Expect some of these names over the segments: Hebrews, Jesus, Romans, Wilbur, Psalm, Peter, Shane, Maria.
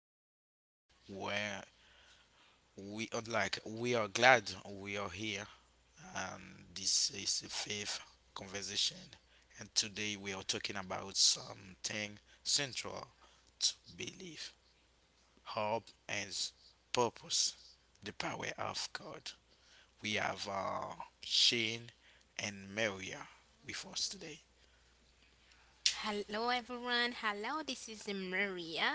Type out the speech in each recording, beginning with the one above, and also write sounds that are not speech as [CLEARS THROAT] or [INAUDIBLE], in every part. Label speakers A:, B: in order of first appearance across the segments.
A: episode where we are glad we are here, and this is the fifth conversation. And today we are talking about something central to belief, hope, and purpose, the power of God. We have Shane and Maria with us today.
B: Hello everyone. Hello, this is Maria.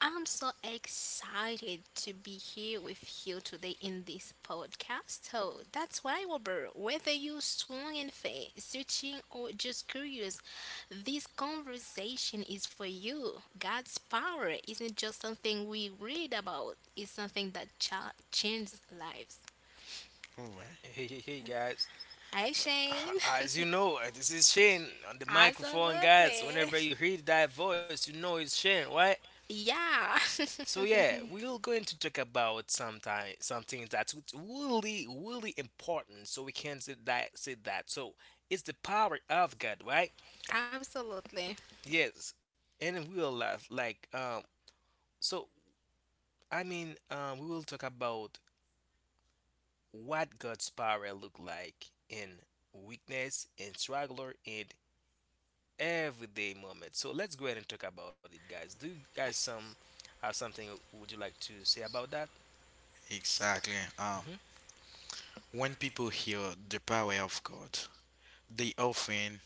B: I'm so excited to be here with you today in this podcast. So that's why, Wilbur, whether you're strong and fit, searching, or just curious, this conversation is for you. God's power isn't just something we read about, it's something that changes lives.
A: All right.
C: Hey, hey, hey, guys. [SIGHS]
B: Hi, Shane.
C: As you
B: [LAUGHS]
C: know, this is Shane on the microphone, guys.
B: Absolutely.
C: Whenever you hear that voice, you know it's Shane, right?
B: Yeah.
C: So yeah, we're going to talk about sometime something that's really, really important. So we can say that. So it's the power of God, right?
B: [LAUGHS] Absolutely.
C: Yes, and we will laugh like So we will talk about what God's power look like in weakness and struggler and everyday moment. So let's go ahead and talk about it, guys. Do you guys some have something would you like to say about that?
A: Exactly.
C: Hmm.
A: When people hear the power of God, they often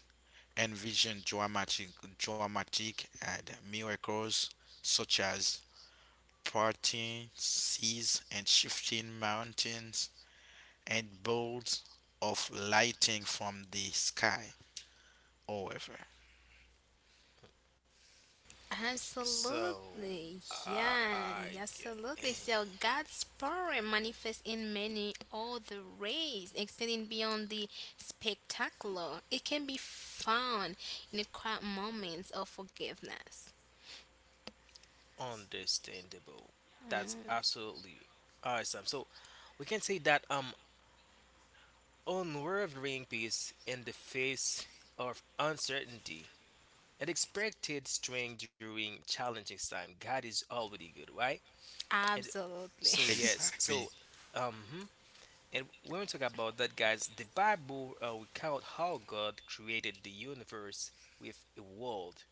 A: envision dramatic and miracles such as parting seas and shifting mountains and bolts of lightning from the sky. However,
C: So
B: Absolutely,
C: uh,
B: yeah,
C: I
B: yeah,
C: g-
B: absolutely.
C: [CLEARS THROAT]
B: So God's power manifests in many other ways, extending beyond the spectacular. It can be found in the quiet moments of forgiveness.
C: understandable. That's absolutely awesome. So we can say that unwavering peace in the face of uncertainty and expected strength during challenging time. God is already good, right? And
B: Absolutely.
C: so yes,
A: exactly,
C: so hmm. And when we talk about that, guys, the Bible recount how God created the universe with a word,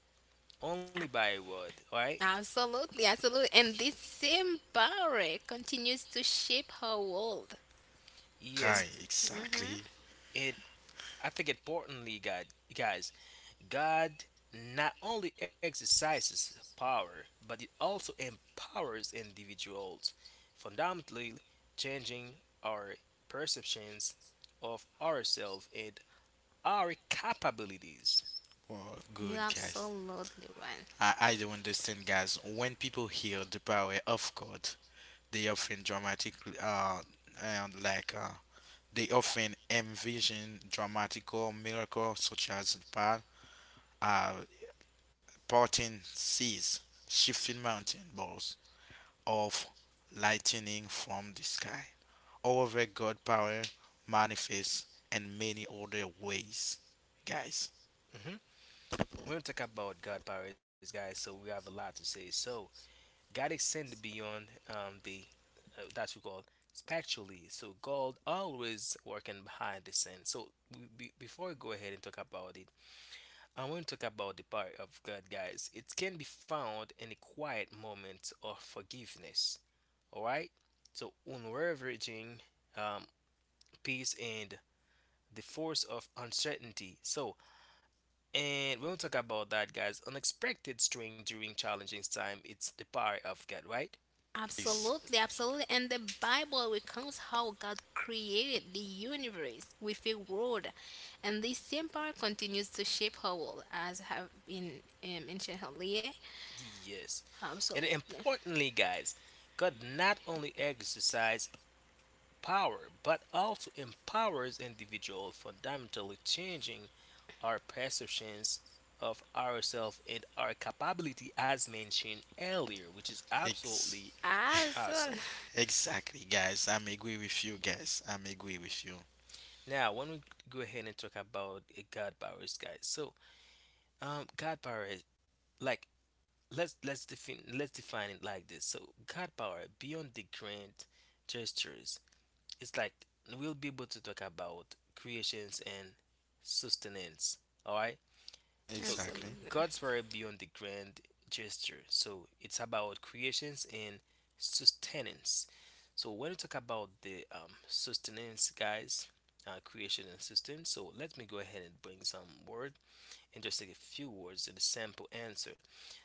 C: only by a
B: [LAUGHS]
C: word, right?
B: Absolutely, absolutely. And this same power continues to shape her world.
C: Yes,
A: hi, exactly.
B: Hmm
C: and I think importantly, God, guys, God not only exercises power, but it also empowers individuals, fundamentally changing our perceptions of ourselves and our capabilities.
A: Oh,
B: You're
A: good guys.
B: absolutely right.
A: I don't understand, guys. When people hear the power of God, they often dramatic, uh, and like uh, they often envision dramatical miracles such as uh, parting seas, shifting mountain balls, or lightning from the sky. However, God power manifests in many other ways, guys.
C: Mhm. We're gonna talk about God powers, guys. So we have a lot to say. So God extended beyond the that's we call spiritually. So God always working behind the scene. So before we go ahead and talk about it, I want to talk about the power of God, guys. It can be found in the quiet moments of forgiveness. All right. So unravaging um, peace and the force of uncertainty. So and we'll talk about that, guys. Unexpected strength during challenging time. It's the power of God, right?
A: Yes,
B: Absolutely, absolutely. And the Bible recounts how God created the universe with a word. And this same power continues to shape our world, as have been mentioned earlier.
C: Yes. And
B: Absolutely.
C: importantly, guys, God not only exercises power but also empowers individuals, fundamentally changing our perceptions of ourselves and our capability, as mentioned earlier, which is
A: ex-
C: absolutely awesome.
B: Absolutely.
A: exactly, guys. I'm agree with you, guys. I'm agree with you.
C: Now, when we go ahead and talk about God powers, guys, so God powers, like let's define it like this. So God power beyond the grand gestures, it's like we'll be able to talk about creations and sustenance. All right. So
A: Exactly,
B: Absolutely.
C: God's power beyond the grand gesture. So it's about creations and sustenance. So when we talk about the sustenance, guys, creation and sustenance. So let me go ahead and bring some word in just like a few words the simple answer.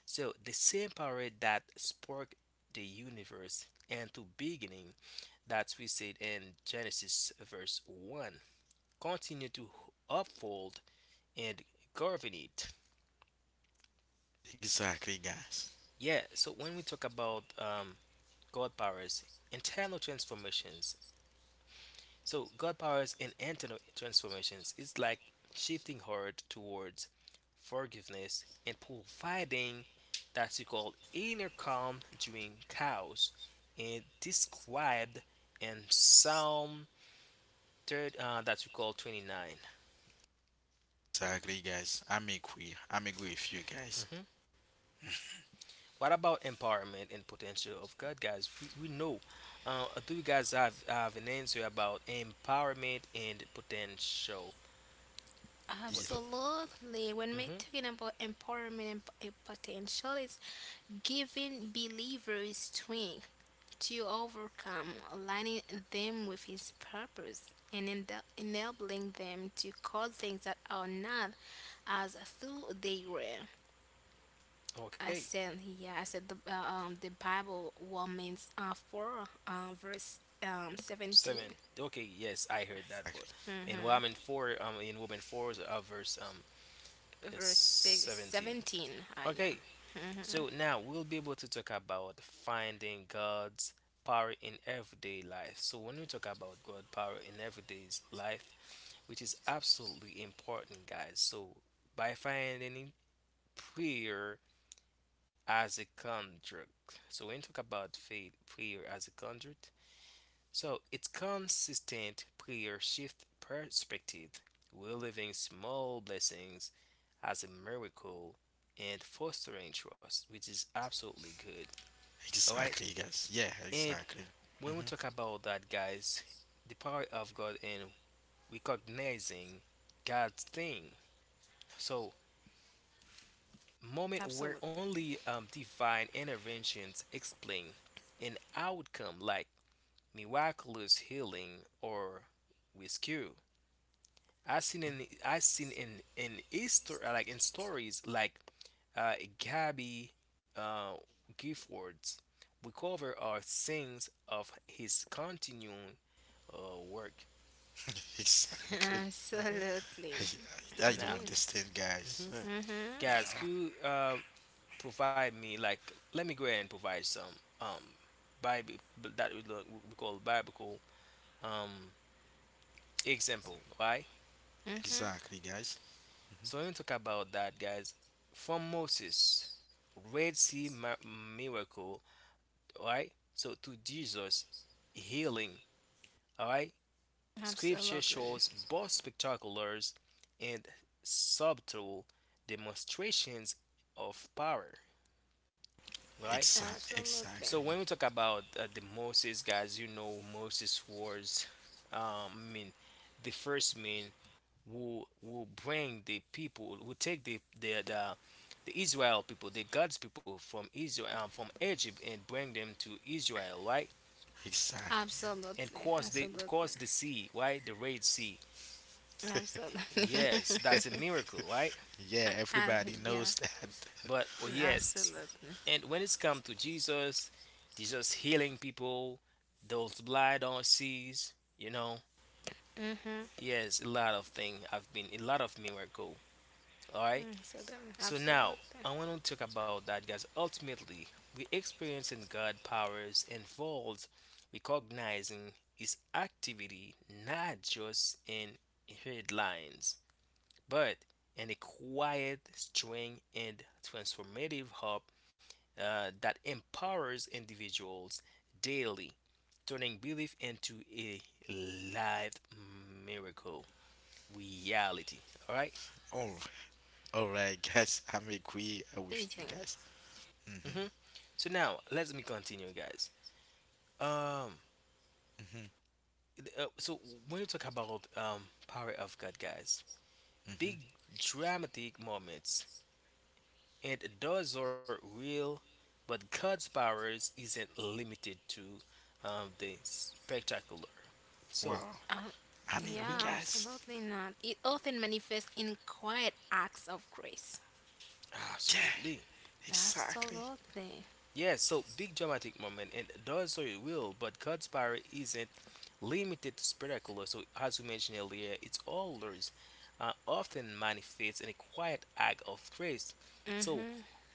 C: So the same power that sparked the universe and to beginning that we said in Genesis verse 1 continue to uphold and govern it.
A: exactly, guys.
C: Yeah, so when we talk about God powers, internal transformations. So God powers and internal transformations is like shifting heart towards forgiveness and providing that we call inner calm during chaos and described in Psalm third that we call 29.
A: Exactly, guys. I'm agree. I'm agree with you, guys.
C: Mhm. What about empowerment and potential of God, guys? We know. Do you guys have an answer about empowerment and potential?
A: Yeah.
C: What, what,
B: Absolutely. When we're
C: mhm.
B: talking about empowerment and potential, it's giving believers strength to overcome, aligning them with His purpose, and enabling them to call things that are not as though they were. I
C: Okay.
B: said, yeah, I said the Bible Romans four uh, verse 17,
C: Seven. Okay, yes, I heard that vote. In woman four, verse it's
B: verse six,
C: 17.
B: 17. Yeah,
C: Okay, so now we'll be able to talk about finding God's power in everyday life. So when we talk about God power in everyday life, which is absolutely important, guys. So by finding prayer as a contract. So when we talk about faith, prayer as a contract, so it's consistent prayer shift perspective, reliving small blessings as a miracle and fostering trust, which is absolutely good. All right.
A: Exactly, guys. Yeah,
C: And
A: exactly.
C: when
A: Hmm.
C: we talk about that, guys, the power of God and recognizing God's thing. So moment where
B: absolutely.
C: only divine interventions explain an outcome like miraculous healing or rescue. I seen in Easter like in stories like Gabby uh Giffords recover our sins of his continuing work.
A: [LAUGHS] exactly.
C: Hmm.
B: Absolutely.
A: I do
C: Now,
B: Yes.
A: understand, guys.
C: hmm,
B: Mhm.
C: guys, could you, provide me like let me go ahead and provide some um Bible that we call biblical um example, right?
B: Mhm.
A: Exactly, guys. Hmm.
C: So when we talk about that, guys, from Moses, Red Sea miracle, all right, so to Jesus healing, all right, scripture
B: Absolutely.
C: shows both spectacular and subtle demonstrations of power, right?
B: Absolutely.
C: So
A: Exactly.
C: when we talk about the Moses, guys, you know Moses was um I mean the first man who will bring the people who take the Israel people, the God's people from Israel, from Egypt, and bring them to Israel, right?
A: Exactly.
B: Absolutely.
C: And
B: Absolutely.
C: caused the sea, right? The Red Sea.
B: Absolutely. [LAUGHS]
C: Yes, that's a miracle, right?
A: Yeah, Yeah,
B: Uh, yeah.
A: everybody knows that. [LAUGHS]
C: But oh, yes,
B: Absolutely.
C: and when it's come to Jesus, Jesus healing people, those blind on seas, you know. Yes, a lot of thing have been a lot of miracle. All right.
B: Absolutely.
C: So
B: Absolutely.
C: now I want to talk about that, guys. Ultimately, we experiencing God powers involves recognizing His activity, not just in headlines, but in a quiet, strong, and transformative hub that empowers individuals daily, turning belief into a live miracle reality. All right?
A: Oh, all right, guys. I'm agree with you
B: Amazing.
A: guys. Hmm.
C: Mhm. So now let me continue, guys. Um,
A: Hmm.
C: so when you talk about power of God, guys, big
A: Hmm.
C: dramatic moments and those are real, but God's powers isn't limited to the spectacular. So,
A: Wow.
B: Uh,
A: I'm agree,
C: mhm,
B: yeah.
A: guys.
B: Absolutely not. It often manifests in quiet acts of grace.
A: Yeah,
C: absolutely.
A: exactly.
B: Absolutely.
C: Yeah, so big dramatic moment, and those are real, but God's power isn't limited to spectacular. So, as we mentioned earlier, it's always often manifests in a quiet act of grace. So,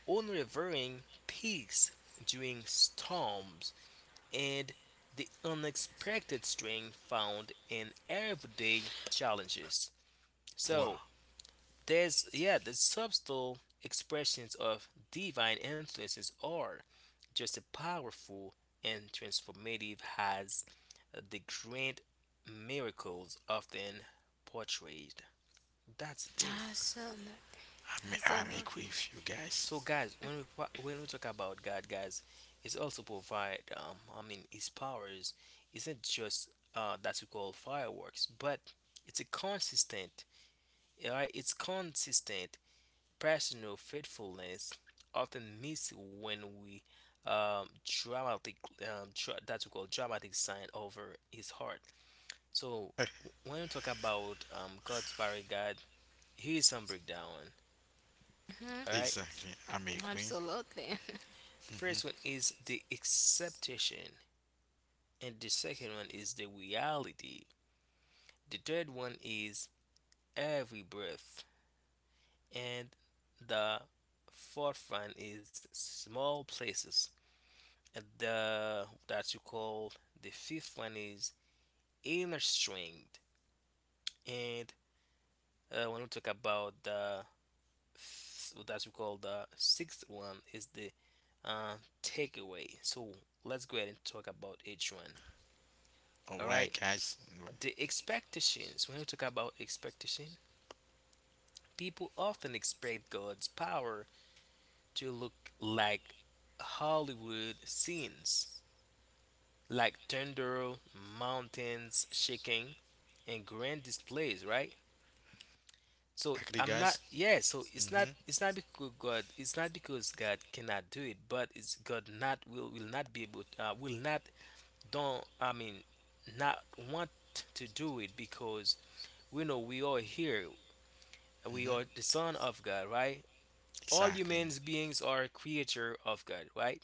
C: unrevering peace during storms and the unexpected strength found in everyday challenges.
A: Wow.
C: So there's yeah, the subtle expressions of divine influences are just as powerful and transformative as the great miracles often portrayed. That's the thing.
B: Absolutely.
A: I'm
B: Absolutely.
A: agree with you guys.
C: So, guys, when when we talk about God, guys, it's also provide. His powers isn't just that we call fireworks, but it's a consistent, right? It's consistent personal faithfulness, often missed when we dramatic that we call dramatic sign over His heart. So, when we talk about God's power, God, here's some breakdown.
B: Mhm.
C: All right.
A: Exactly. I'm agree.
B: Absolutely.
C: The first one
A: Hmm.
C: is the acceptation and the second one is the reality. The third one is every breath, and the fourth one is small places. And the that you call the fifth one is inner strength, and when we talk about the that we call the sixth one is the uh, takeaway. So let's go ahead and talk about each one. All
A: All right,
C: right,
A: guys. All right.
C: the expectations. When we talk about expectation, people often expect God's power to look like Hollywood scenes, like thunder, mountains shaking, and grand displays, right? So
A: Exactly,
C: I'm not,
A: guys.
C: yeah. So
A: Hmm.
C: it's not because God, it's not because God cannot do it, but it's God not will not be able, will not don't. I mean, not want to do it because we know we are here. We
A: Hmm.
C: are the son of God, right? All
A: Exactly.
C: humans beings are a creature of God, right?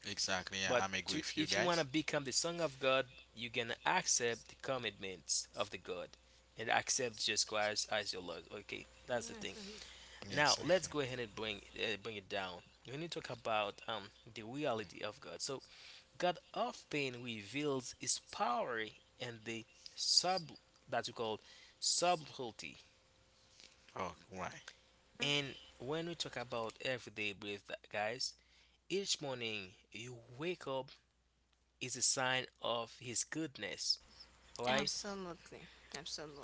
A: Exactly. Yeah,
C: But
A: I'm agree
C: to
A: with you
C: if you want
A: guys.
C: to become the son of God, you can accept the commitments of the God and accept Jesus Christ as your Lord. Okay, that's the thing.
B: [LAUGHS]
A: Yeah,
C: Now
A: exactly.
C: let's go ahead and bring bring it down. When you talk about the reality of God, so God often reveals His power and the sub that we call subtlety.
A: Oh, right.
C: And when we talk about everyday breath, guys, each morning you wake up is a sign of His goodness, all right?
B: Absolutely.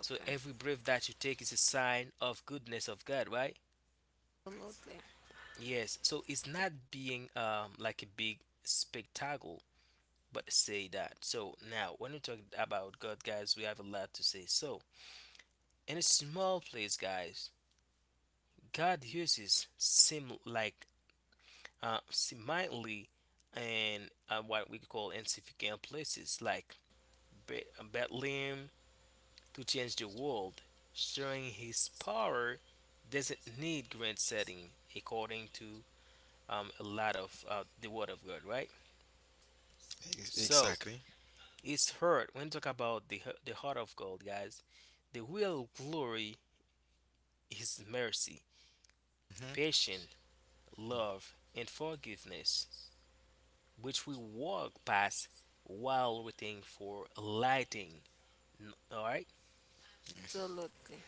C: So every breath that you take is a sign of goodness of God, right?
B: Absolutely.
C: Yes. So it's not being like a big spectacle, but say that. So now when we talk about God, guys, we have a lot to say. So in a small place, guys, God uses sim like seemingly and what we call insignificant places like Bethlehem, to change the world, showing his power doesn't need grand setting, according to a lot of the Word of God, right? So
A: Exactly.
C: it's heard when you talk about the heart of God, guys. The real glory is mercy,
A: Hmm.
C: patience, love, and forgiveness, which we walk past while waiting for lighting. All right,
A: Yes.
B: Absolutely.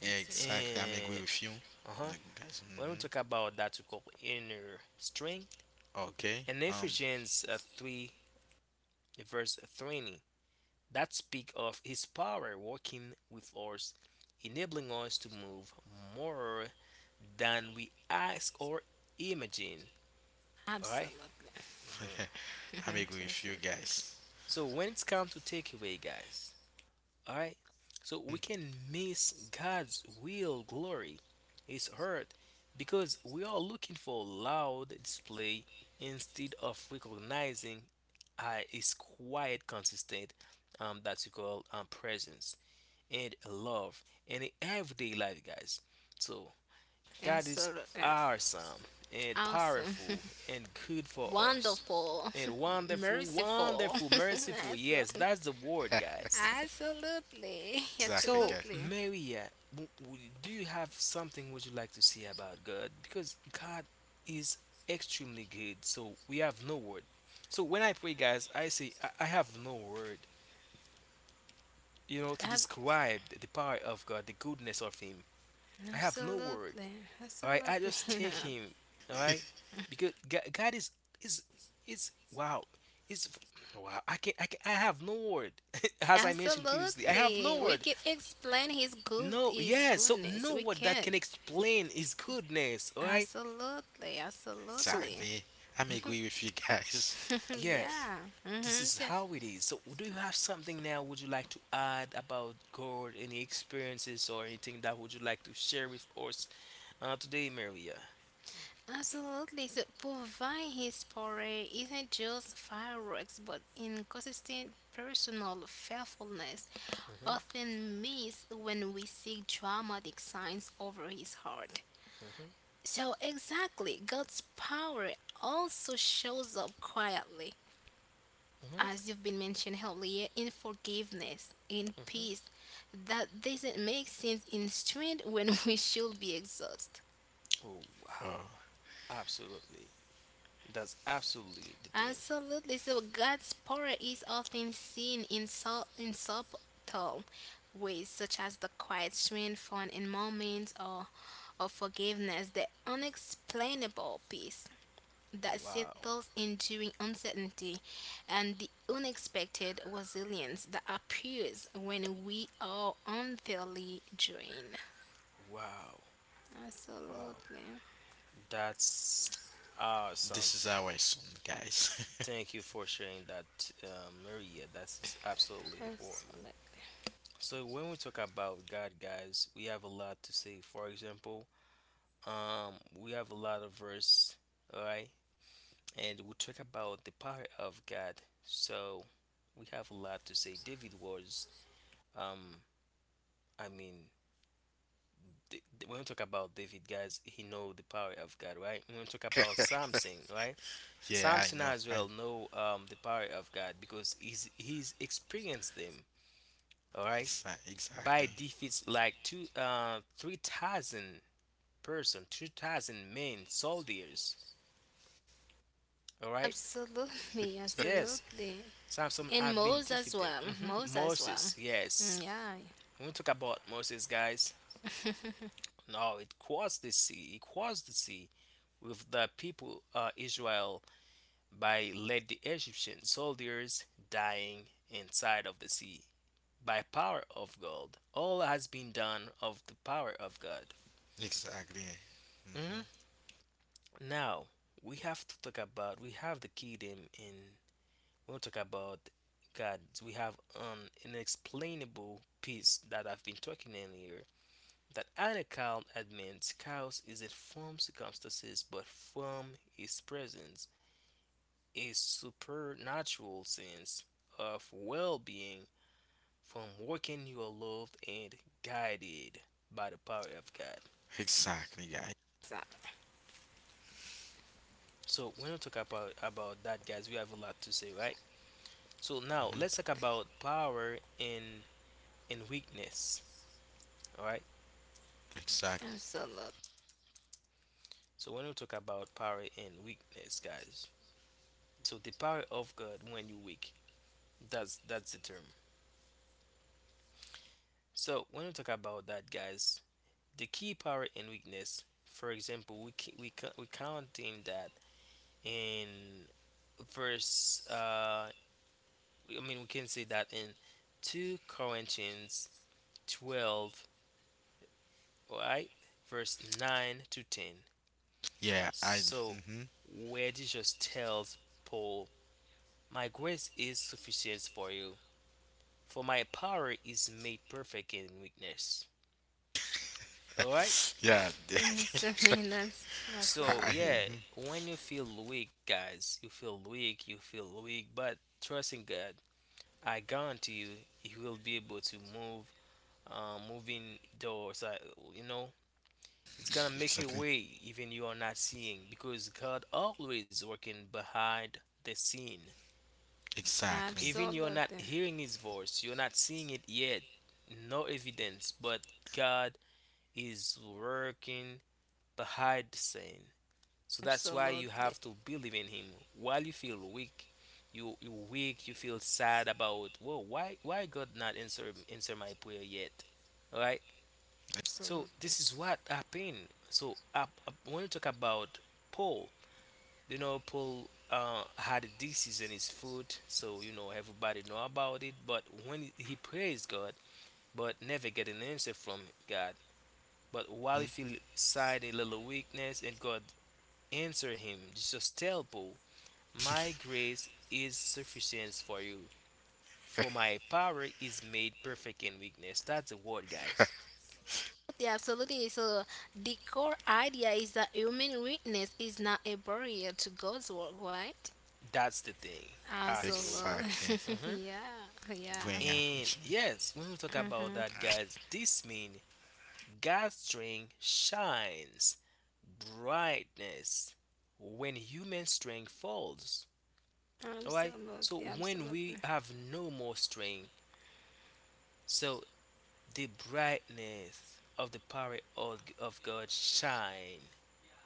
A: Yeah, exactly. I'm agree
C: and
A: with you,
C: uh huh.
A: Like, guys.
C: When we
A: Hmm.
C: talk about that, we call inner strength,
A: Okay.
C: and Ephesians 3, verse 20, that speak of his power working with us, enabling us to move more than we ask or imagine. All right.
B: Absolutely. Absolutely. [LAUGHS]
A: [LAUGHS] I'm
B: Mhm.
A: agree with you
B: Absolutely.
A: guys.
C: So when it's come to takeaway, guys, all right, so we can miss God's real glory, His heart, because we are looking for loud display instead of recognizing I is quite consistent that you call presence and love in everyday life, guys. So God is
B: Absolutely.
C: awesome and
B: Awesome.
C: powerful and good
B: [LAUGHS]
C: for us
B: Wonderful.
C: and
B: [LAUGHS]
C: wonderful,
B: Merciful.
C: wonderful,
B: [LAUGHS]
C: merciful. Yes,
B: Absolutely.
C: that's the word,
A: [LAUGHS]
C: guys.
B: Absolutely. [LAUGHS]
A: exactly,
C: So
A: guys.
B: Absolutely.
C: Maria, do you have something would you like to say about God? Because God is extremely good, so we have no word. So when I pray, guys, I say I have no word. To
B: Ab-
C: describe the power of God, the goodness of Him. I have no word.
B: Absolutely.
C: All right, I
B: Absolutely
C: just
B: [LAUGHS]
C: thank
B: not.
C: Him. All right, because God is is wow. Is wow. I have no word. [LAUGHS] As I mentioned previously, I have
B: Absolutely.
C: no
B: We
C: word.
B: can explain his good
C: No,
B: his
C: yeah. So
B: goodness.
C: no
B: We
C: word that
B: can.
C: can explain His goodness. All right.
B: Absolutely.
C: So,
B: Absolutely.
A: Exactly. I'm
C: mhm,
A: agree with you guys.
B: [LAUGHS]
C: yeah.
B: yeah.
C: This
B: hmm
C: is
B: So,
C: how it is. So, do you have something now? Would you like to add about God, any experiences or anything that would you like to share with us today, Maria?
B: absolutely. So provide his parade isn't just fireworks, but inconsistent personal faithfulness,
C: Mm-hmm,
B: often missed when we seek dramatic signs over his heart.
C: mm-hmm,
B: So exactly, God's power also shows up quietly,
C: mm-hmm,
B: as you've been mentioned earlier, in forgiveness, in peace,
C: mm-hmm.
B: that doesn't make sense in strength when [LAUGHS] we should be exhausted.
C: Oh,
A: Oh,
C: wow. Absolutely. That's absolutely the thing.
B: Absolutely. So God's power is often seen in, in subtle ways, such as the quiet strength found in moments or of forgiveness, the unexplainable peace that
C: Wow.
B: settles enduring uncertainty, and the unexpected resilience that appears when we are unfairly drained.
C: Wow. Wow.
B: Absolutely.
C: That's awesome.
A: this is our son, guys.
C: Thank you for sharing that, Maria. That's absolutely important.
B: Absolutely.
C: So, when we talk about God, guys, we have a lot to say. For example, we have a lot of verse, all right? And we talk about the power of God. So we have a lot to say. David was, um, I mean, when we talk about David, guys, he know the power of God, right? When we talk about Samson, right?
A: [LAUGHS] yeah, I
C: Samson
A: know.
C: as
A: I
C: well know the power of God because he's experienced them, all right? By
A: exactly.
C: defeats like 3,000 person, 2,000 men, soldiers, all right?
B: Absolutely,
C: Yes,
B: absolutely.
C: Samson
B: And
C: have been
B: Moles as
C: defeated.
B: well. Moles as well.
C: Moses,
B: Mm,
C: yes.
B: yeah.
C: When we talk about Moses, guys,
B: [LAUGHS]
C: no, it crossed the sea. It crossed the sea with the people Israel, by let the Egyptian soldiers dying inside of the sea by power of God. All has been done of the power of God.
A: Exactly. Hmm.
C: Mhm. Now we have to talk about we have the kingdom in when we talk about God. We have an inexplainable peace that I've been talking in here, that an account admins chaos isn't from circumstances but from his presence, a supernatural sense of well being from working you are loved and guided by the power of God.
A: Exactly, guys.
B: So,
C: So when we talk about that, guys, we have a lot to say, right? So now
A: Hmm.
C: let's talk about power and weakness. Alright?
A: Exactly.
B: absolutely.
C: So when we talk about power and weakness, guys. So the power of God when you're weak. That's the term. So when we talk about that, guys, the key power and weakness. For example, we counting that in verse. I mean, we can say that in two Corinthians 12, right, verse 9-10.
A: Yeah, I.
C: So
A: Mhm.
C: where Jesus tells Paul, "My grace is sufficient for you, for my power is made perfect in weakness." All right.
A: Yeah.
B: [LAUGHS] So,
A: [LAUGHS]
B: I mean, [LAUGHS] that's
C: So
B: absolutely.
C: yeah,
A: Mhm.
C: when you feel weak, guys, you feel weak, but trusting God, I guarantee you, He will be able to moving doors. You know, it's gonna make a
A: Exactly.
C: way even you are not seeing because God always working behind the scene.
A: Exactly.
C: Even you're not
B: Absolutely.
C: hearing His voice, you're not seeing it yet, no evidence, but God is working behind the scene. So that's why you have
B: Absolutely.
C: to believe in him. While you feel weak, you weak, you feel sad about whoa, why God not answer my prayer yet? Alright? So this
B: Absolutely.
C: is what happened. So when you talk about Paul, you know Paul had a disease in his foot, so you know everybody know about it. But when he praised God, but never get an answer from God. But while he
A: Mhm.
C: feel sad, a little weakness, and God answer him, just tell Paul my grace is sufficient for you, for my power is made perfect in weakness. That's the word, guys.
B: Yeah, absolutely. So the core idea is that human weakness is not a barrier to God's work, right?
C: That's the thing. Absolutely.
A: Exactly.
C: Mhm.
B: Absolutely. [LAUGHS] yeah. Yeah.
A: Bring
C: And
A: opportunity.
C: yes, when we talk about
B: Mm-hmm.
C: that, guys, this means God's strength shines brightness when human strength falls. Alright? So
B: Absolutely.
C: when we
B: Absolutely.
C: have no more strength, so the brightness of the power of God shine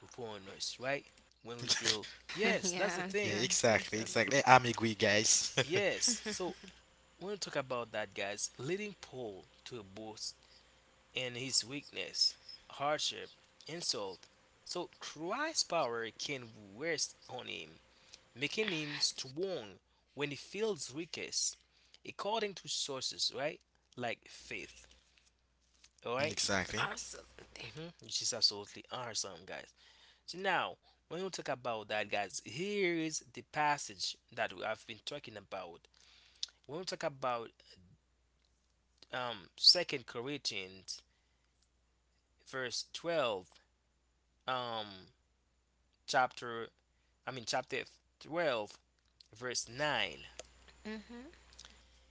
C: upon us, right? When we feel,
B: [LAUGHS]
C: yes, that's the
B: yeah.
A: Yeah,
C: thing.
A: exactly.
B: Absolutely.
A: Exactly. I'm agree, guys.
C: Yes. So when we talk about that, guys, leading Paul to a boast in his weakness, hardship, insult. So Christ's power can rest on him, making him strong when he feels weakest, according to sources, right? Like faith. All
A: [LAUGHS]
C: right?
A: exactly.
B: Absolutely. [LAUGHS]
C: Mm-hmm. Which is absolutely awesome, guys. So now, when we talk about that, guys, here is the passage that we have been talking about. When we talk about Second Corinthians verse 12, um chapter, I mean chapter 12, verse 9,
B: Mm-hmm.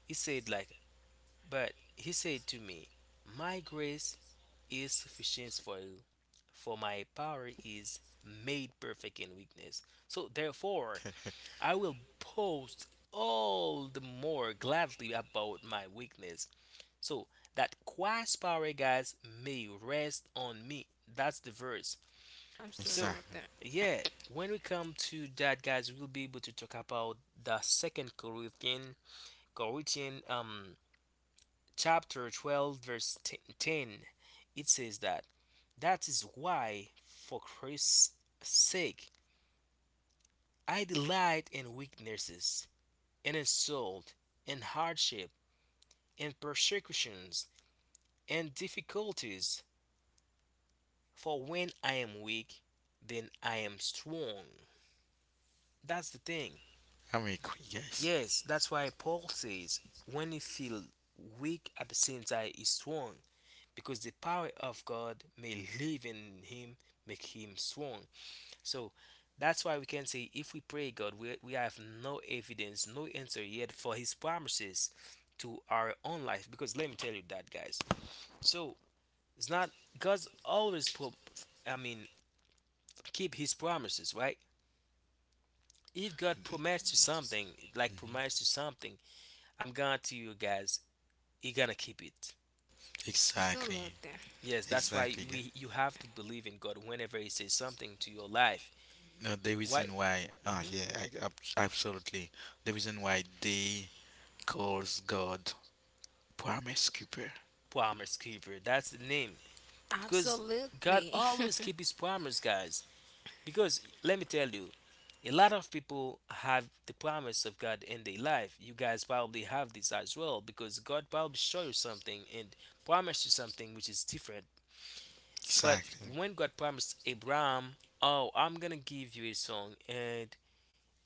C: he said like, but he said to me, "My grace is sufficient for you, for my power is made perfect in weakness. So therefore, I will post all the more gladly about my weakness. So that Christ's power, guys, may rest on me." That's the verse.
B: Absolutely.
C: So,
A: Exactly.
C: yeah, when we come to that, guys, we'll be able to talk about the Second Corinthians, chapter 12, verse 10. It says that that is why, for Christ's sake, I delight in weaknesses, in insult, in hardship, in persecutions, in difficulties. For when I am weak, then I am strong. That's the thing.
A: I'm agree, guys.
C: Yes, that's why Paul says, when you feel weak at the same time, he's strong. Because the power of God may live in him, make him strong. So that's why we can say, if we pray God, we have no evidence, no answer yet for his promises to our own life. Because let me tell you that, guys. So it's not God's always I mean keep his promises, right? If God promised you something, like
A: Mhm.
C: promised you something, I'm guarantee you guys, he gonna keep it.
A: Exactly.
B: Absolutely.
C: Yes, that's why
A: Exactly, guys.
C: we you have to believe in God whenever he says something to your life.
A: No, the
C: Why?
A: reason why, oh
C: hmm
A: yeah, I, absolutely. The reason why they calls God promise keeper.
C: Promise keeper. That's the name. Because God
B: Absolutely. [LAUGHS]
C: always keep his promise, guys. Because let me tell you, a lot of people have the promise of God in their life. You guys probably have this as well because God probably showed you something and promised you something which is different. But
A: Exactly.
C: when God promised Abraham, oh, I'm gonna give you a son and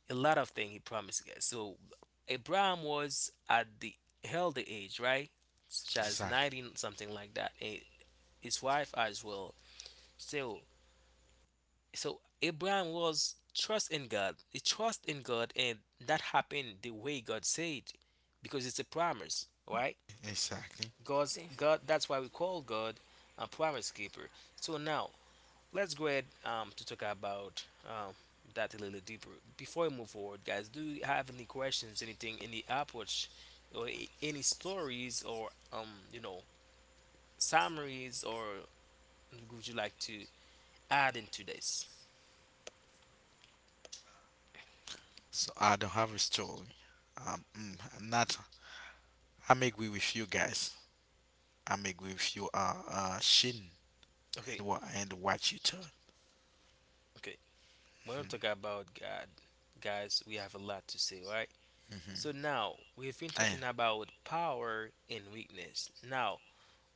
C: a lot of things he promised us. So Abraham was at the elder age, right? Such as
A: Exactly.
C: 90 something like that. And his wife as well. So Abraham was trust in God. He trust in God, and that happened the way God said, because it's a promise, right?
A: Exactly.
C: God's God. That's why we call God a promise keeper. So now let's go ahead to talk about that a little deeper. Before we move forward, guys, do you have any questions, anything, any approach, or any stories, or you know, summaries, or would you like to add into this?
A: So I don't have a story. And that I'm agree with you guys. I'm agree with you, Shin,
C: Okay,
A: and what you tell.
C: okay. When we talk about God, guys, we have a lot to say, right? So
A: Mm-hmm.
C: now we've been
A: I,
C: talking about power and weakness. Now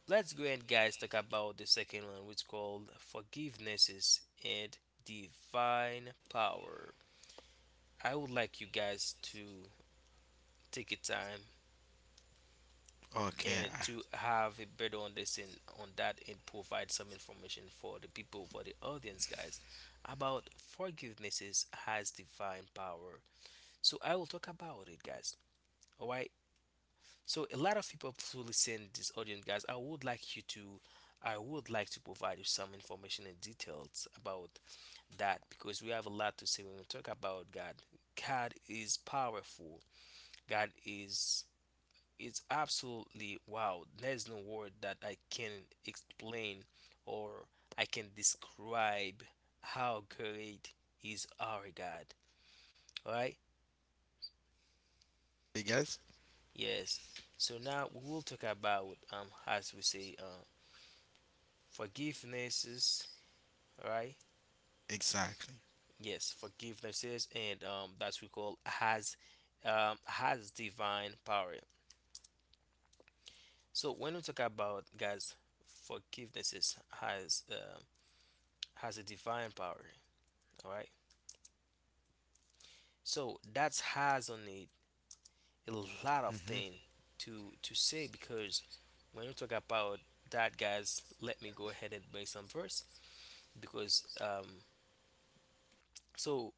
C: let's go ahead, guys, talk about the second one, which is called forgivenesses and divine power. I would like you guys to take your time
A: okay,
C: and to have a better understanding on that and provide some information for the people, for the audience, guys, about forgivenesses has divine power. So I will talk about it, guys. All right. So a lot of people who listen this audience, guys, I would like to provide you some information and details about that because we have a lot to say when we talk about God. God is powerful. God is absolutely wow. There's no word that I can explain or I can describe how great is our God. All right.
A: you guys.
C: Yes. So now we will talk about as we say forgivenesses, right?
A: Exactly.
C: Yes, forgivenesses and that's we call has divine power. So when we talk about guys forgivenesses has a divine power, all right? So that has on it a lot of
A: Mm-hmm.
C: thing to say, because when we talk about that, guys, let me go ahead and make some verse, because so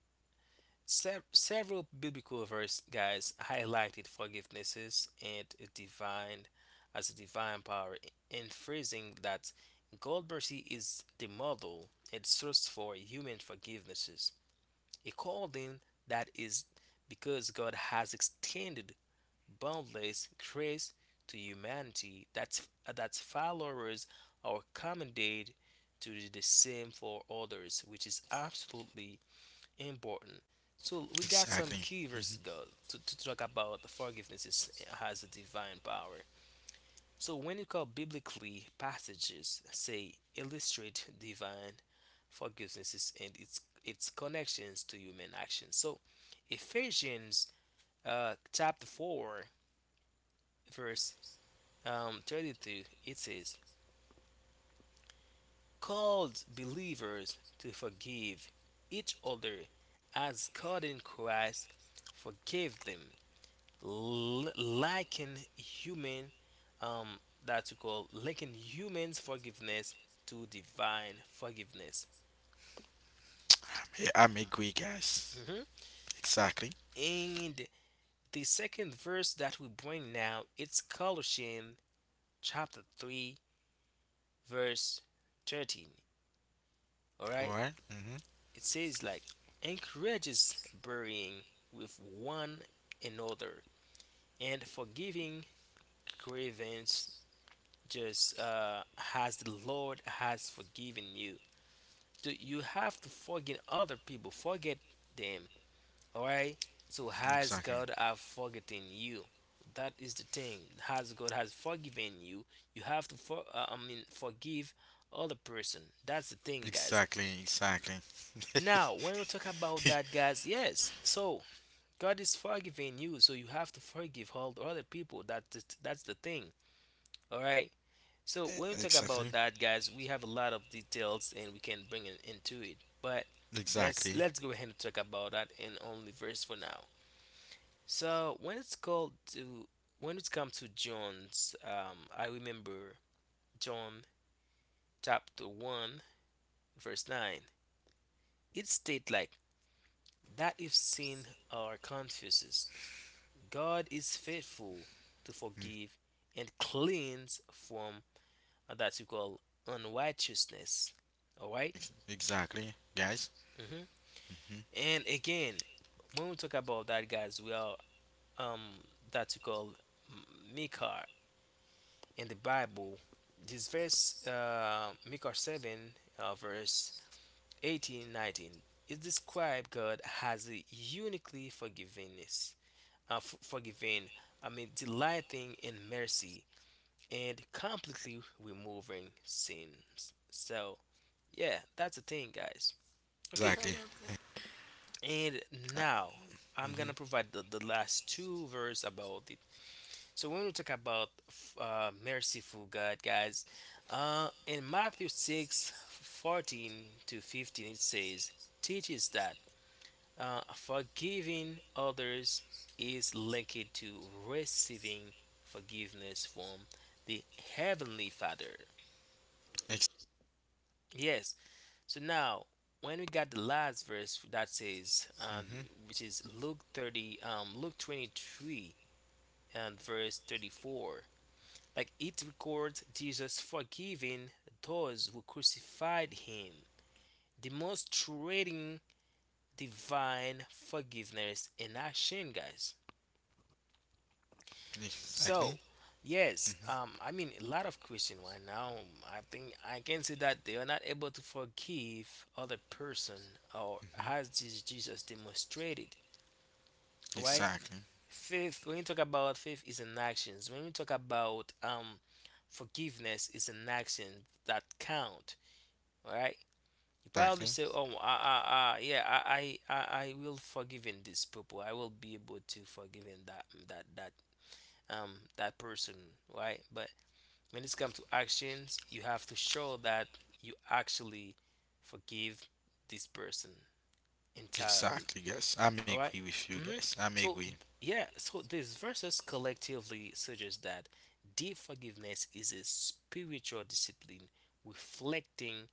C: Several biblical verse, guys, highlighted forgivenesses and a divine as a divine power, emphasizing that God mercy is the model and source for human forgivenesses. According that is because God has extended boundless grace to humanity, that followers are commended to do the same for others, which is absolutely important. So we got some
A: Exactly.
C: key
A: Mm-hmm.
C: verses God to talk about the forgiveness is, has a divine power. So when you call biblically passages say illustrate divine forgiveness and its connections to human action. So Ephesians chapter 4, verse 32, it says called believers to forgive each other as God in Christ forgave them. L- lacking human um that you call linking humans forgiveness to divine forgiveness.
A: Yeah, I'm agree, guys.
C: Mhm.
A: Exactly.
C: And the second verse that we bring now, it's Colossians chapter 3 verse 13. All right,
A: Right. Mm-hmm.
C: it says like, encourages burying with one another and forgiving grievance just as the Lord has forgiven you. To you have to forget other people, forget them. All right, so has
A: Exactly.
C: God have forgotten you? That is the thing, has God has forgiven you, you have to I mean, forgive other person. That's the thing, guys.
A: Exactly. Exactly.
C: Now when we talk about that, guys, yes, so God is forgiving you, so you have to forgive all the other people. That's the thing. All right. So
A: Eh,
C: when we talk about
A: Exactly.
C: that, guys, we have a lot of details and we can bring it into it. But let's
A: Exactly.
C: let's go ahead and talk about that in only verse for now. So when it's called to when it comes to John's, I remember John chapter 1 verse 9. It states like that if sin or confuses, God is faithful to forgive and cleanse from that you call unrighteousness. All right.
A: Exactly, guys.
C: Mm-hmm.
A: Mm-hmm.
C: And again, when we talk about that, guys, we are um that you call Micah in the Bible. This verse, Micah 7, verse 18-19, it describes God as a uniquely forgiveness, forgiving. I mean, delighting in mercy and completely removing sins. So yeah, that's the thing, guys. Okay.
A: Exactly.
B: Absolutely.
C: And
A: Uh,
C: now I'm
A: mm-hmm.
C: gonna provide the last two verse about it. So when we talk about merciful God, guys, in Matthew 6:14 to 15, it says, teaches that forgiving others is linked to receiving forgiveness from the Heavenly Father.
A: Ex-
C: Yes. So now, when we got the last verse that says,
A: mm-hmm.
C: which is Luke 30, Luke 23 and verse 34, like it records Jesus forgiving those who crucified him, demonstrating divine forgiveness in action, guys.
A: Exactly.
C: So,
A: Mm-hmm.
C: yes, I mean, a lot of Christians right now, I think I can say that they are not able to forgive other person or
A: Mm-hmm.
C: has this Jesus demonstrated, right?
A: Exactly.
C: Faith, when you talk about faith is an actions. When you talk about forgiveness is an action that count, right? You probably
A: Exactly.
C: say, oh, yeah, I will forgive in this people. I will be able to forgive in um, that person, right? But when it's come to actions, you have to show that you actually forgive this person entirely,
A: Exactly, guys. I'm
C: all right?
A: agree with you
C: Mm-hmm.
A: guys. I'm
C: So
A: agree.
C: yeah, so these verses collectively suggest that deep forgiveness is a spiritual discipline reflecting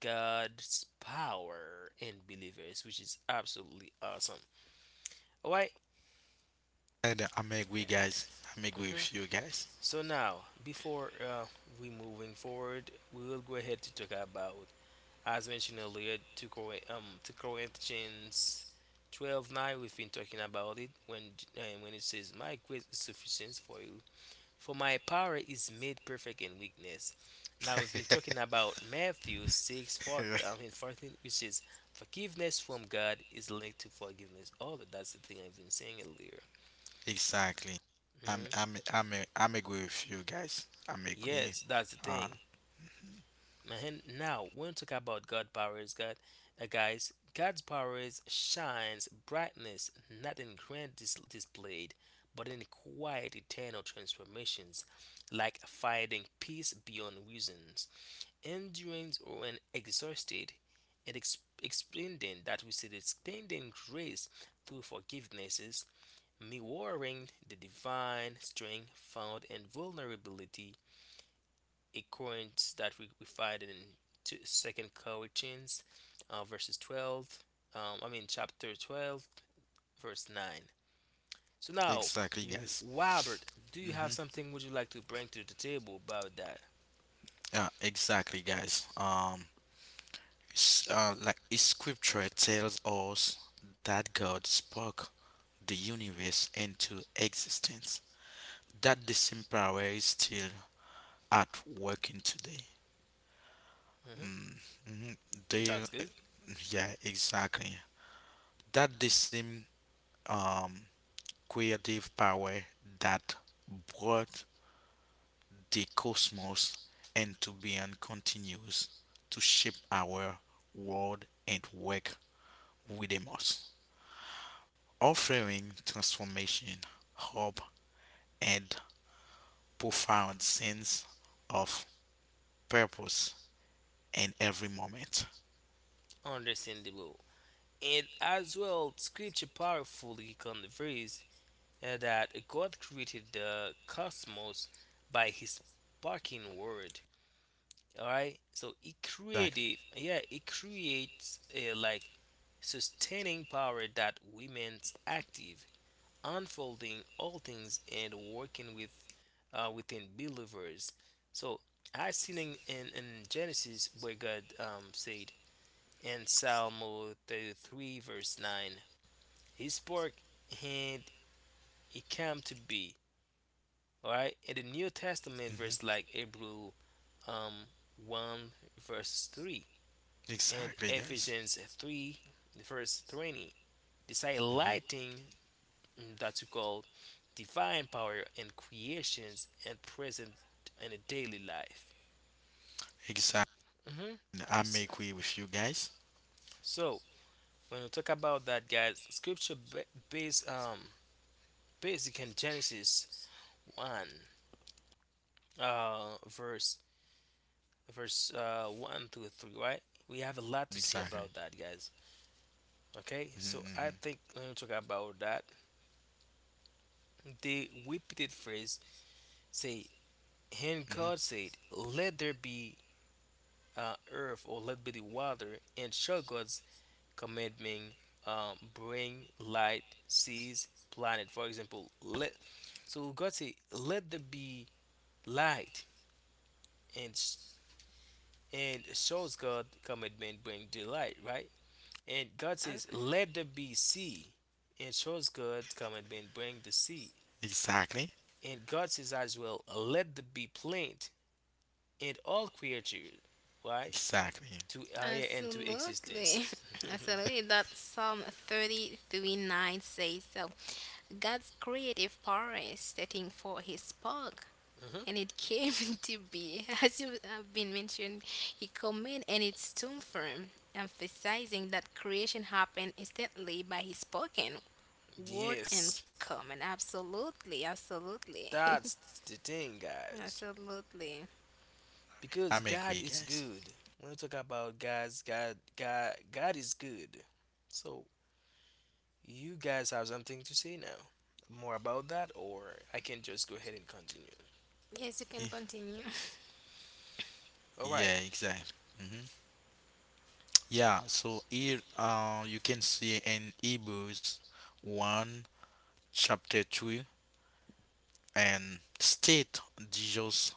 C: God's power in believers, which is absolutely awesome, all right?
A: And I'm agree, guys. I'm agree
C: Mm-hmm.
A: with you guys.
C: So now, before we moving forward, we will go ahead to talk about, as mentioned earlier, to Corinthians 12:9. We've been talking about it when it says, my grace is sufficient for you, for my power is made perfect in weakness. Now, we've been talking about Matthew 6 fourth. 4, and 14, which is forgiveness from God is linked to forgiveness. Oh, that's the thing I've been saying earlier.
A: [LAUGHS] exactly. I'm
C: Hmm.
A: I'm I'm I'm agree with you guys. I'm agree.
C: Yes, that's the
A: Uh,
C: thing. And now when we talk about God powers, God's powers shines brightness not in grand displayed, but in quiet eternal transformations, like finding peace beyond reasons, endurance when exhausted, and extending that we said extending grace through forgivenesses, mirroring the divine strength found in vulnerability accordance that we find in Second Corinthians, verses 12. I mean, chapter 12, verse 9. So now,
A: exactly, guys.
C: Robert, do you have
A: Mm-hmm.
C: something would you like to bring to the table about that?
A: Yeah, exactly, guys. Like Scripture tells us that God spoke the universe into existence. That the same power is still at working today.
C: Hmm.
A: Mm-hmm. They,
C: That's good.
A: yeah, exactly. That the same um, creative power that brought the cosmos into being continues to shape our world and work within us, offering transformation, hope, and profound sense of purpose in every moment.
C: Understandable, and as well, Scripture powerfully conveys that God created the cosmos by His spoken word. All right, so it
A: Exactly.
C: creative, yeah, it creates a like sustaining power that remains active unfolding all things and working within believers. So I seen in Genesis where God said in Psalm 33 verse 9, He spoke and it came to be. All right, in the new testament
A: Hmm.
C: verse like Hebrew um, 1 verse 3 and
A: Exactly, guys.
C: Ephesians 3, verse 20. This
A: Hmm.
C: highlighting, that we call divine power and creations and present in a daily life.
A: Exactly.
C: Hmm.
A: I
C: So,
A: make way with you guys.
C: so, when we talk about that, guys, scripture ba- base basic in Genesis one verse one to three, right? We have a lot to say
A: Exactly.
C: about that, guys. Okay, so
A: Mhm,
C: I
A: hmm.
C: think when we talk about that, the repeated phrase say, and
A: Hmm.
C: God said, let there be earth or let be the water, and show God's commandment, bring light, seas, planet. For example, let so God said, let there be light, and shows God commandment bring the light, right? And God says,
B: As-
C: let there be sea, and shows God's commandment bring the sea.
A: Exactly.
C: And God says as well, let there be plant and all creatures, right?
A: Exactly.
C: To area and to existence.
B: Absolutely. [LAUGHS]
C: [LAUGHS]
B: Absolutely. That Psalm 33:9 says so. God's creative power is setting for his spark.
C: Mhm.
B: And it came [LAUGHS] to be, as you have been mentioned, he commanded and it stood firm, emphasizing that creation happened instantly by his spoken word and
C: Yes,
B: comment. Absolutely, absolutely. [LAUGHS]
C: that's the thing, guys.
B: Absolutely.
A: I
C: Because
A: make
C: God
A: way,
C: is
A: guys.
C: good. When we talk about, guys, God is good. So you guys have something to say now, more about that, or I can just go ahead and continue.
B: Yes, you can
A: Ye-
B: continue.
C: All right.
A: Yeah, exactly. Hmm. Yeah, so here you can see in Hebrews 1, chapter 2, and state Jesus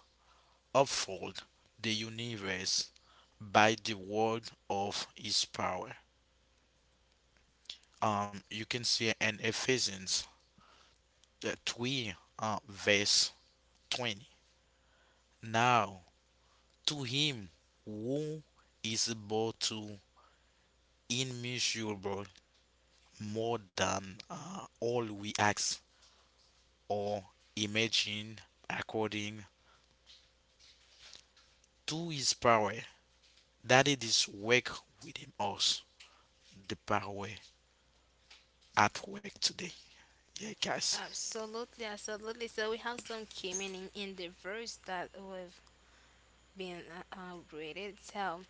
A: uphold the universe by the word of his power. You can see in Ephesians 3, verse 20. Now, to him who is able to immeasurable more than all we ask or imagine according to his power that it is work within us, the power at work today, yeah guys.
B: [LAUGHS] Absolutely, absolutely. So we have some commenting in the verse that we've been read. So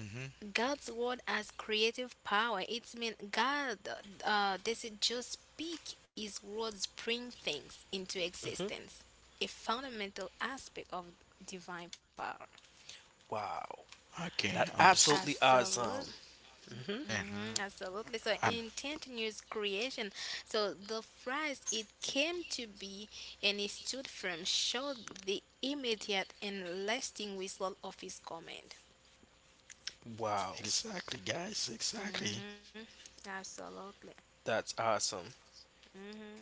A: Mm-hmm.
B: God's word has creative power. It's mean God doesn't just speak; His words bring things into
C: Mm-hmm.
B: existence. A fundamental aspect of divine power.
C: Wow,
A: Okay,
C: that's
A: understand.
C: absolutely
B: Absolutely.
C: awesome. Hmm.
B: Mhm,
A: Hmm.
B: absolutely. So
A: um,
B: intent news creation. So the phrase it came to be and it stood firm showed the immediate and lasting result of his comment.
C: Wow,
A: exactly guys, exactly.
B: Absolutely.
C: that's awesome.
B: Hmm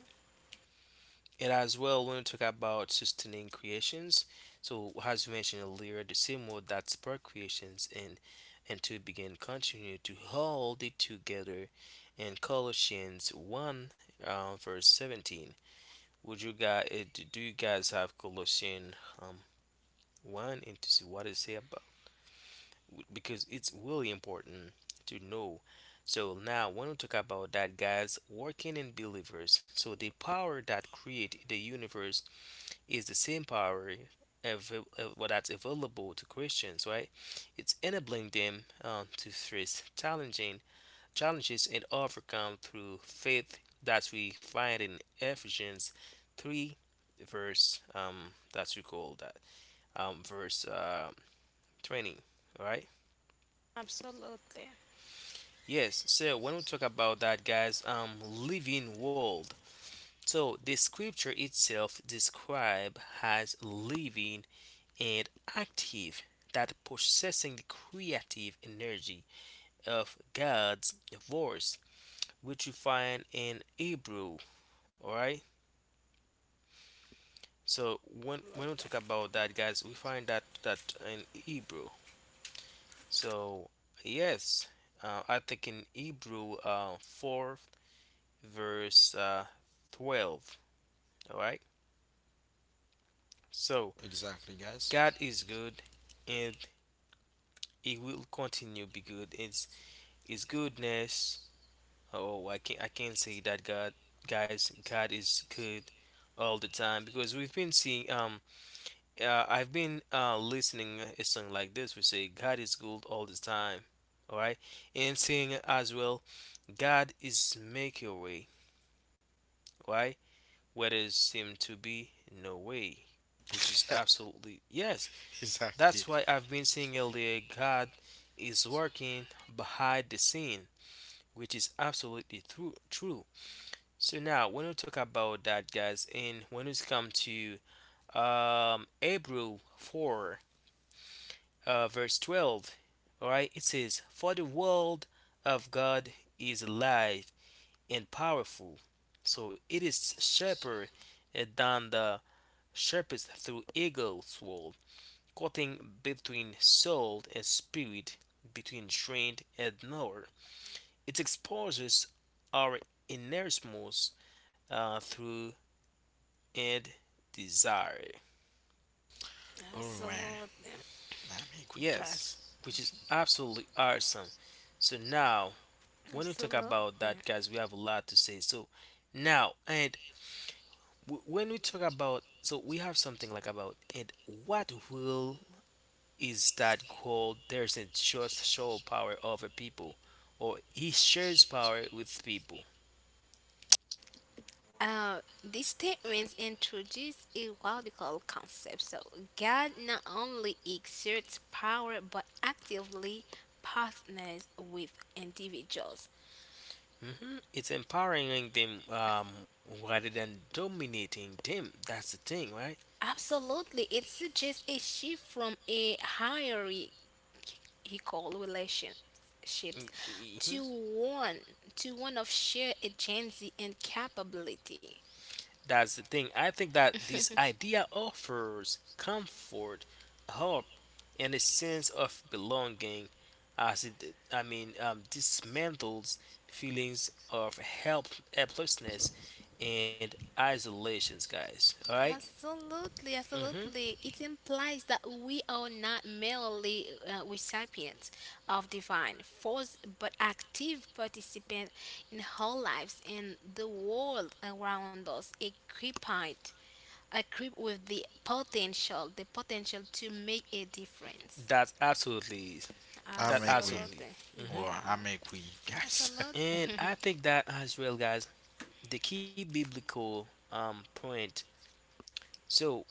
C: It as well, when we talk about sustaining creations, so as we mentioned earlier, the same word that spark creations and to begin continue to hold it together in Colossians 1, verse 17. Would you guys Do you guys have Colossians um, 1 and to see what it say about, because it's really important to know. So now when we talk about that, guys, working in believers, so the power that create the universe is the same power av- that's available to Christians, right? It's enabling them, to face challenging challenges and overcome through faith that we find in Ephesians 3 verse that's we call that verse 20. All right.
B: Absolutely.
C: Yes, so when we talk about that, guys, living world, so the scripture itself described as living and active, that possessing the creative energy of God's voice, which you find in Hebrew. All right. So when we talk about that, guys, we find that in Hebrew. So yes, I think in Hebrew, fourth verse 12. All right. So
A: Exactly, guys.
C: God is good, and He will continue be good. It's His goodness. Oh, I can't say that, God, guys, God is good all the time, because we've been seeing, I've been listening a song like this. We say God is good all the time, all right, and saying as well, God is make a way, right? Where there seem to be no way, which is absolutely yes.
A: [LAUGHS] exactly.
C: That's why I've been saying earlier, God is working behind the scene, which is absolutely true. True. So now, when we talk about that, guys, and when we come to Hebrew 4, verse 12, all right, it says, for the world of God is alive and powerful, so it is sharper than the sharpest through eagle's sword, cutting between soul and spirit, between strength and power. It exposes our innermost, through and desire.
A: All right,
B: Absolutely.
A: I'm agree
C: Yes,
A: guys.
C: which is absolutely awesome. So now, when we talk about
B: Absolutely.
C: that, guys, we have a lot to say. So now, and when we talk about, so we have something like about, and what will is that called? There's a just show power over people, or he shares power with people.
B: These statements introduce a radical concept. So God not only exerts power but actively partners with individuals.
C: Hmm. It's empowering them, rather than dominating them. That's the thing, right?
B: Absolutely, it suggests a shift from a hierarchical relationships
C: Mm. Mhm.
B: to one of shared agency and capability.
C: That's the thing. I think that this idea offers comfort, hope, and a sense of belonging as it, I mean, dismantles feelings of helplessness and isolations, guys. All right?
B: Absolutely,
C: Mm-hmm.
B: absolutely. It implies that we are not merely recipients of divine force, but active participants in our lives and the world around us, equipped I with the potential to make a difference.
C: That's absolutely, that
A: I'm agree.
C: absolutely.
B: Absolutely.
C: Mm-hmm.
A: Or
B: Yeah.
A: I make we guys.
B: Absolutely.
C: And I think that as well, guys, the key biblical, point. So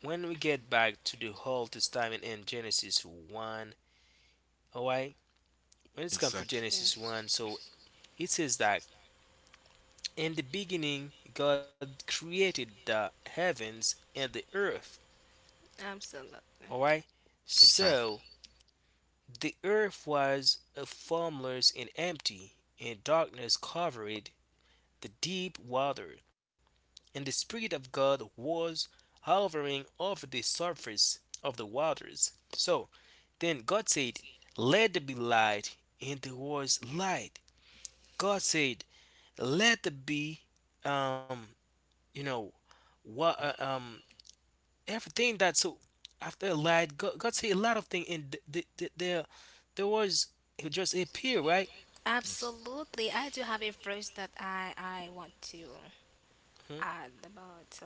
C: when we get back to the whole testament in Genesis 1, all right, when
A: [LAUGHS]
C: it's come to
A: exactly.
C: Genesis
B: [LAUGHS]
C: 1, so it says that, in the beginning God created the heavens and the earth.
B: Absolutely.
C: All right,
A: Exactly.
C: so the earth was formless and empty, and darkness covered the deep water, and the spirit of God was hovering over the surface of the waters. So then God said, let there be light, and there was light. God said, let there be, um, you know, what, everything that. So after light, God said a lot of things, and th- th- th- there was it just appear, right?
A: Ex-
B: Absolutely. I do have a phrase that I want to
C: Mhm.
B: add about. So,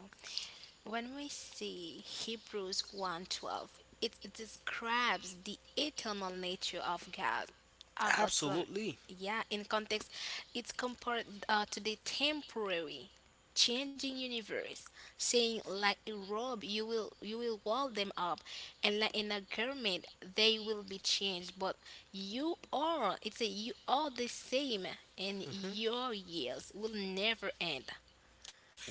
B: when we see Hebrews 1:12, it describes the eternal nature of God, of the Son.
C: Absolutely.
B: Yeah, in context, it's compared to the temporary, changing universe, saying like a robe, you will wall them up, and like in a garment, they will be changed. But you are the same, and
C: Hmm.
B: your years will never end.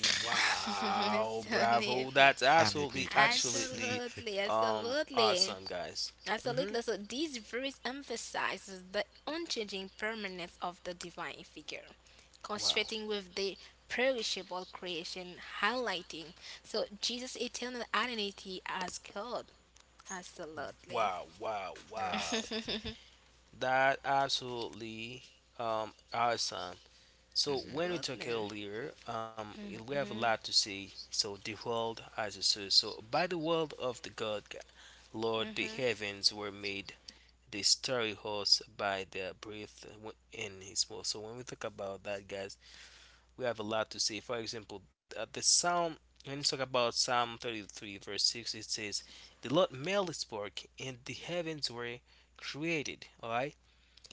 B: [LAUGHS]
C: Wow,
B: so
C: bravo!
B: amazing.
C: That's
A: I make we
C: absolutely,
A: guys.
C: absolutely,
B: Absolutely, absolutely,
C: awesome, guys. Hmm.
B: absolutely. So this verse emphasizes the unchanging permanence of the divine figure,
C: Wow,
B: concentrating with the perishable creation, highlighting so Jesus' eternal identity as God. Absolutely,
C: wow, wow,
A: [LAUGHS] wow.
C: wow. That absolutely, awesome. So when we
A: Hmm.
C: talk
B: absolutely,
C: earlier, we have a
B: mhm,
C: lot to say. So the world as a source. So by the world of the God, Lord,
B: mhm,
C: the heavens were made. The starry host by the breath in His mouth. So when we talk about that, guys, we have a lot to say. For example, at the Psalm. When you talk about Psalm 33, verse 6, it says, "The Lord made his work, and the heavens were created." All right.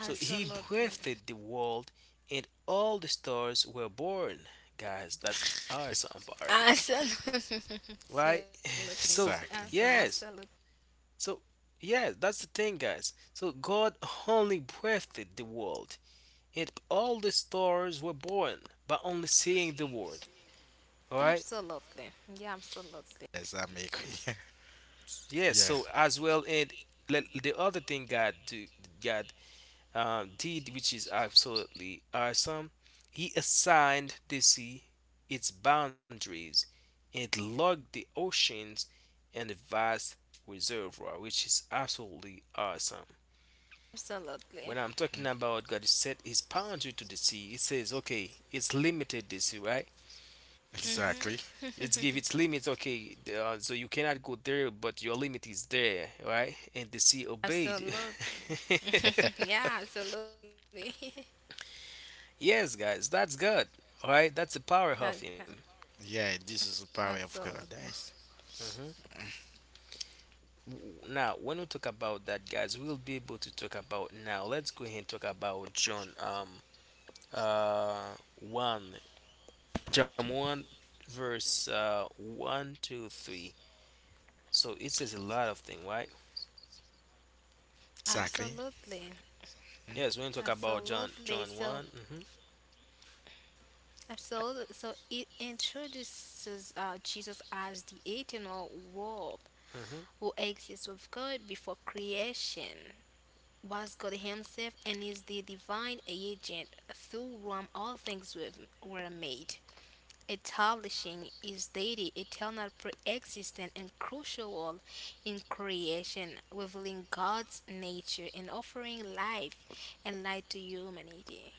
C: So he
A: Exactly.
C: breathed the world, and all the stars were born. Guys, that's awesome part,
B: absolutely, [LAUGHS]
C: right? [LAUGHS]
B: absolutely,
A: [LAUGHS]
C: So,
A: exactly.
B: absolutely,
C: yes. So, yeah, that's the thing, guys. So God only breathed the world, and all the stars were born by only seeing the word. All right.
B: absolutely, yeah, absolutely,
A: Yes, I make we. [LAUGHS]
C: Yes.
A: yeah.
C: So as well, and the other thing God do, God did, which is absolutely awesome. He assigned the sea its boundaries and logged the oceans and the vast reservoir, which is absolutely awesome.
B: absolutely.
C: When I'm talking
A: Mhm.
C: about God set his boundary to the sea, it says, okay, it's limited the sea, right?
B: Mhm.
A: Exactly.
C: It's give its
B: [LAUGHS]
C: limits, okay, so you cannot go there, but your limit is there, right? And the sea obeyed.
B: Absolutely. [LAUGHS] yeah,
C: [LAUGHS]
B: absolutely.
C: Yes, guys, that's good. All right, that's the
B: [LAUGHS]
C: power
B: Ab-
C: of him.
A: Yeah, this is the power
B: absolutely.
A: of God, guys.
C: Mhm. Now, when we talk about that, guys, we'll be able to talk about now. Let's go ahead and talk about John. Uh, one, John one, verse one, two, three. So it says a lot of thing, right?
A: Exactly.
B: Absolutely.
A: Mhm.
C: Yes, we're gonna talk about John,
B: Absolutely.
C: John
B: So,
C: one. Mm-hmm.
B: absolutely. So, it introduces Jesus as the eternal Word
C: Mm-hmm.
B: who exists with God before creation, was God Himself, and is the divine agent through whom all were made. Establishing is deity, eternal, pre-existent, and crucial in creation, revealing God's nature and offering life and light to humanity.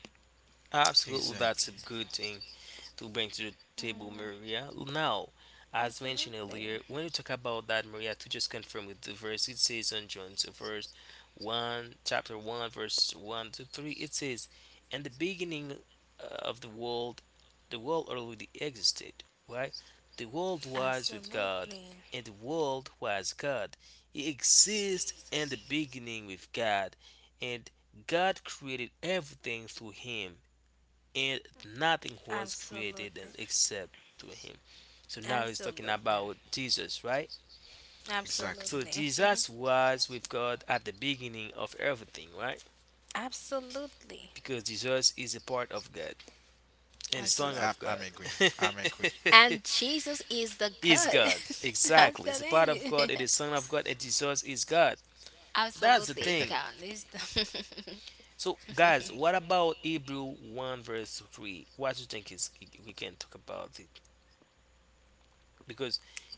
C: Absolutely, that's
A: Exactly.
C: a good thing to bring to the table,
B: Mm,
C: Maria. Now, as mentioned earlier,
B: absolutely,
C: when you talk about that, Maria, to just confirm with the verse, it says on John's verse 1, chapter 1, verse 1 to 3, it says, in the beginning of the world already existed, right? The world was with God,
B: absolutely,
C: and the world was God. It exists in the beginning with God, and God created everything through Him, and nothing was created
B: absolutely,
C: except through him. So now he's talking about
B: absolutely,
C: Jesus, right? So
A: Exactly.
B: absolutely,
C: Jesus was with God at the beginning of everything, right?
B: [LAUGHS] absolutely.
C: Because Jesus is a part of God and the
A: Exactly.
C: Son
A: I,
C: of
B: Absolutely.
A: I'm
C: God.
A: agree. I'm agree.
C: [LAUGHS]
B: And Jesus is the
C: is
B: God.
C: God.
B: [LAUGHS]
C: Exactly. It's a part of God and
B: Absolutely.
C: the Son of God and Jesus is God.
B: [LAUGHS]
C: That's the
B: Absolutely, it's
C: thing.
B: God. It's the
C: So guys, what about Hebrew 1 verse 3? What do you think is we can talk about it? Because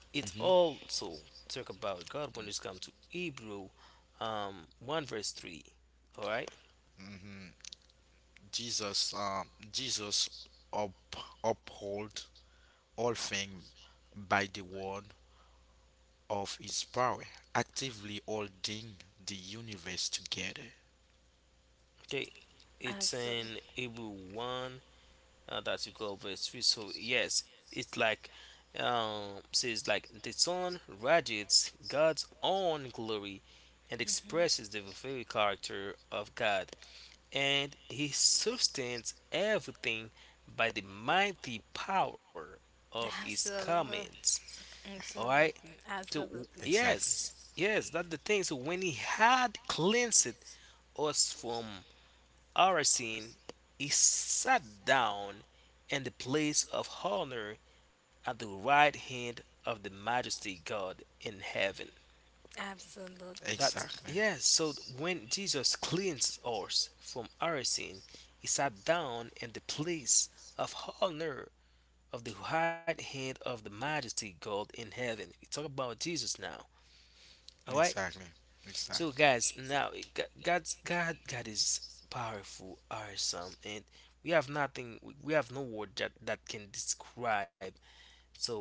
C: it
A: Mm-hmm.
C: also talk about God when it's come to Hebrew 1 verse 3. All right.
A: Mm-hmm. Jesus, Jesus up, uphold all things by the word of his power, actively holding the universe together.
C: Okay.
B: [LAUGHS]
C: It's
B: Absolutely.
C: in Hebrew 1 that's equal verse 3. So yes, it's like says like the sun radiates God's own glory and expresses the very character of God, and He sustains everything by the mighty power of His
B: Absolutely.
C: commands. All right.
B: Absolutely.
C: So
B: Absolutely.
A: Exactly.
C: yes, yes, that's the thing. So when he had cleansed us from our sin, he sat down in the place of honor at the right hand of the majesty God in heaven.
B: Absolutely.
C: That's
A: Exactly.
C: yes. So when Jesus cleansed us from our sin, he sat down in the place of honor of the right hand of the majesty God in heaven. We talk about Jesus now. All right.
A: Exactly.
C: So
A: Exactly.
C: guys, now God is powerful, awesome, and we have no word that can describe. So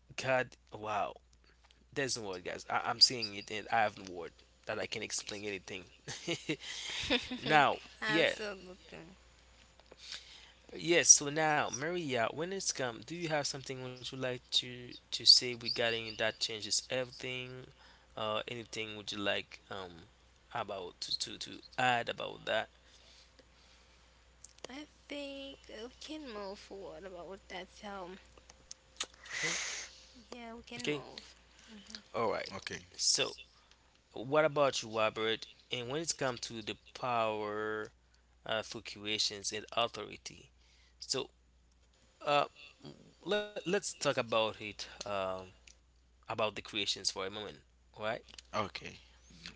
C: God, wow, there's no word, guys. I'm saying it, and I have no word that I can explain anything. [LAUGHS] Now,
B: [LAUGHS]
C: yeah,
B: Absolutely.
C: yes. So now, Maria, when it's come, do you have something would you like to say regarding that changes everything? Anything would you like about to add about that?
B: I think we can move forward about that. So,
C: Hmm?
B: yeah, we can
C: Okay.
B: move.
C: All right.
A: Okay.
C: So, what about you, Robert? And when it comes to the power fluctuations and authority, so uh, let's talk about it about the creations for a moment, right?
A: Okay.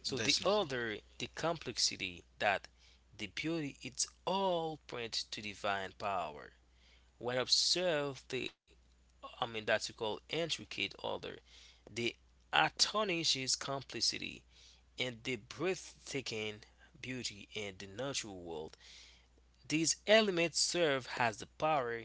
C: So
A: That's
C: the
A: no problem.
C: order, the complexity that the beauty it's all point to divine power. When observe the, I mean that you call, intricate order, the astonishes complexity and the breathtaking beauty in the natural world. These elements serve as the power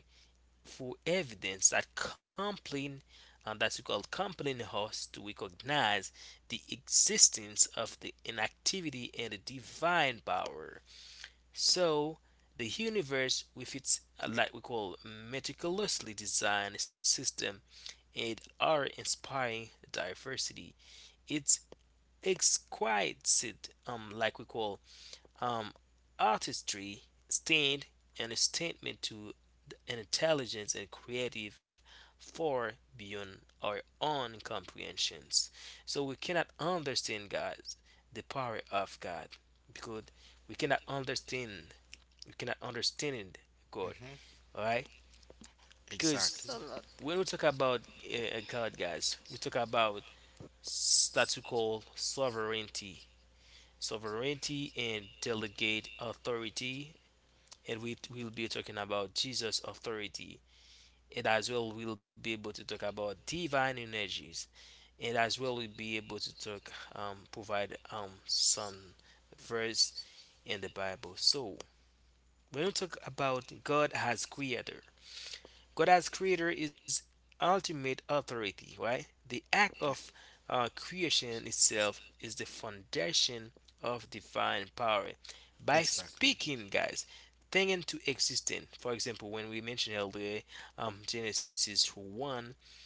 C: for evidence that compelling and that we call compelling us to recognize the existence of the inactivity and the divine power. So the universe with its like we call meticulously designed system and our inspiring diversity. It's exquisite, like we call um, artistry stand and a statement to an intelligence and creative far beyond our own comprehensions. So we cannot understand God, the power of God, because we cannot understand, we cannot understand God,
A: Mm-hmm.
C: all right? Because
A: Exactly.
B: Absolutely.
C: when we talk about God, guys, we talk about that we call sovereignty and delegate authority, and we will be talking about Jesus' authority, and as well we'll be able to talk about divine energies, and as well we'll be able to talk provide some verse in the Bible. So when we talk about God as creator is ultimate authority, right? The act of creation itself is the foundation of divine power. By
A: Exactly.
C: speaking, guys, thing into existence. For example, when we mentioned earlier, Genesis 1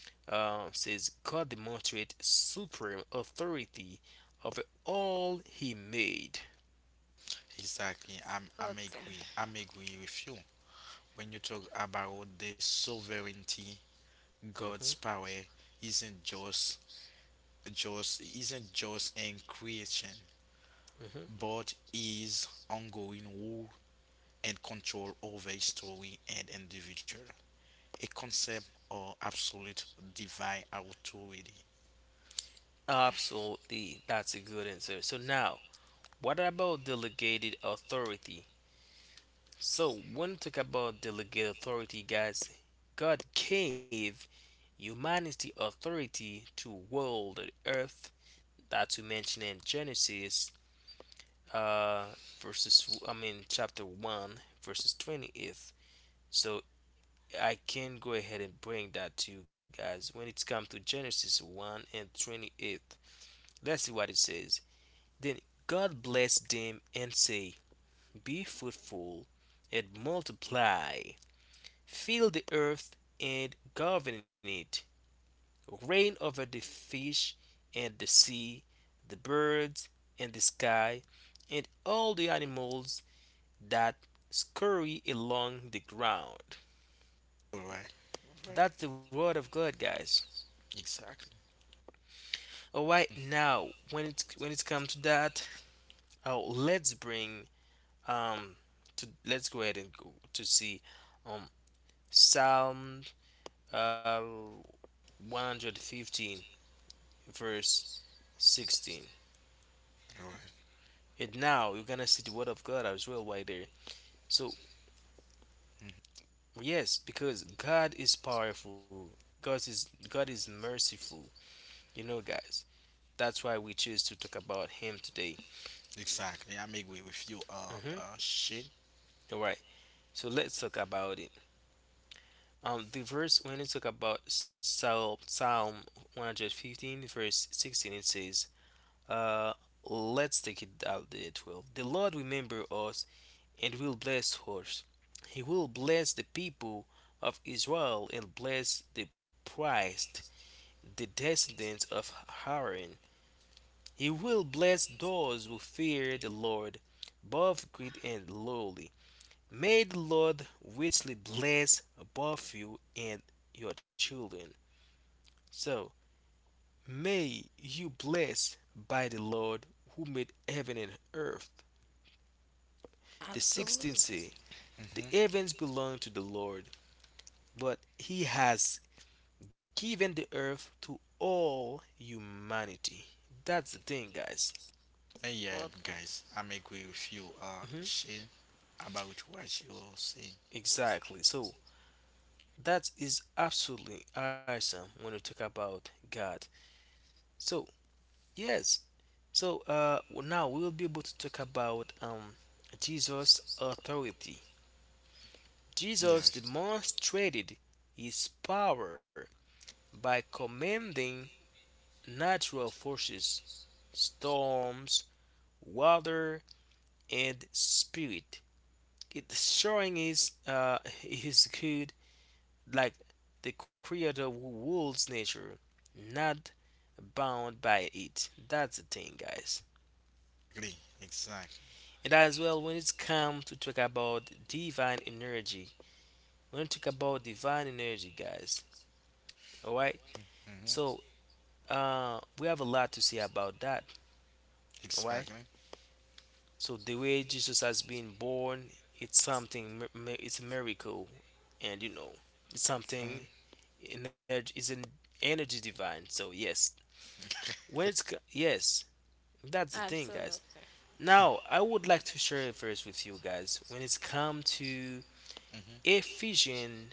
C: says, God demonstrates supreme authority over all he made.
A: Exactly. I'm
B: Absolutely.
A: agree. I'm agree with you. When you talk about the sovereignty,
C: Mhm,
A: God's power isn't just in creation,
C: mhm.
A: but is ongoing rule and control over a story and individual, a concept or absolute divine authority.
C: Absolutely, that's a good answer. So now, what about delegated authority? So when we talk about delegated authority, guys, God gave humanity authority to world and earth that we mentioned in Genesis uh verses, I mean chapter one verses 28th. So I can go ahead and bring that to you guys when it's come to Genesis 1:28. Let's see what it says. Then God blessed them and say, be fruitful and multiply. Fill the earth and govern it. Reign over the fish and the sea, the birds and the sky, and all the animals that scurry along the ground.
A: All right. All right.
C: That's the word of God, guys.
A: Exactly.
C: All right, now when it comes to that, oh, let's bring um to let's go ahead and go to see um Psalm uh 115 verse 16.
A: All right.
C: And now you're gonna see the word of God as well right there. So yes, because God is powerful. God is merciful. You know, guys. That's why we choose to talk about Him today.
A: Exactly. I'm agree with you,
C: Hmm.
A: Shane.
C: All right. So let's talk about it. The verse, when you talk about Psalm 115 verse 16, it says, "Uh, let's take it out there 12. The Lord remember us and will bless us. He will bless the people of Israel and bless the priest, the descendants of Aaron. He will bless those who fear the Lord, both great and lowly. May the Lord richly bless both you and your children. So, may you bless by the Lord who made heaven and earth. The 16th
B: Absolutely.
C: say, the
A: Mm-hmm.
C: heavens belong to the Lord, but he has giving the earth to all humanity. That's the thing, guys."
A: And yeah, guys, I'm agree with you,
C: Hmm.
A: Shane, about what you are saying.
C: Exactly. So that is absolutely awesome when we talk about God. So yes. So now we will be able to talk about Jesus' authority.
A: Yeah.
C: Jesus demonstrated his power by commanding natural forces, storms, water, and spirit, it showing is good, like the creator who rules nature, not bound by it. That's the thing, guys.
A: Exactly. Exactly.
C: And as well when it's come to talk about divine energy, when we talk about divine energy, guys, all right,
A: Mm-hmm.
C: so we have a lot to say about that, all right.
A: Exactly.
C: So the way Jesus has been born, it's something it's a miracle, and you know it's
A: Hmm.
C: something. Energy is an energy divine. So yes, when it's yes, that's the thing,
B: Absolutely.
C: guys.
B: Absolutely.
C: Now I would like to share a verse with you guys when it's come to Ephesians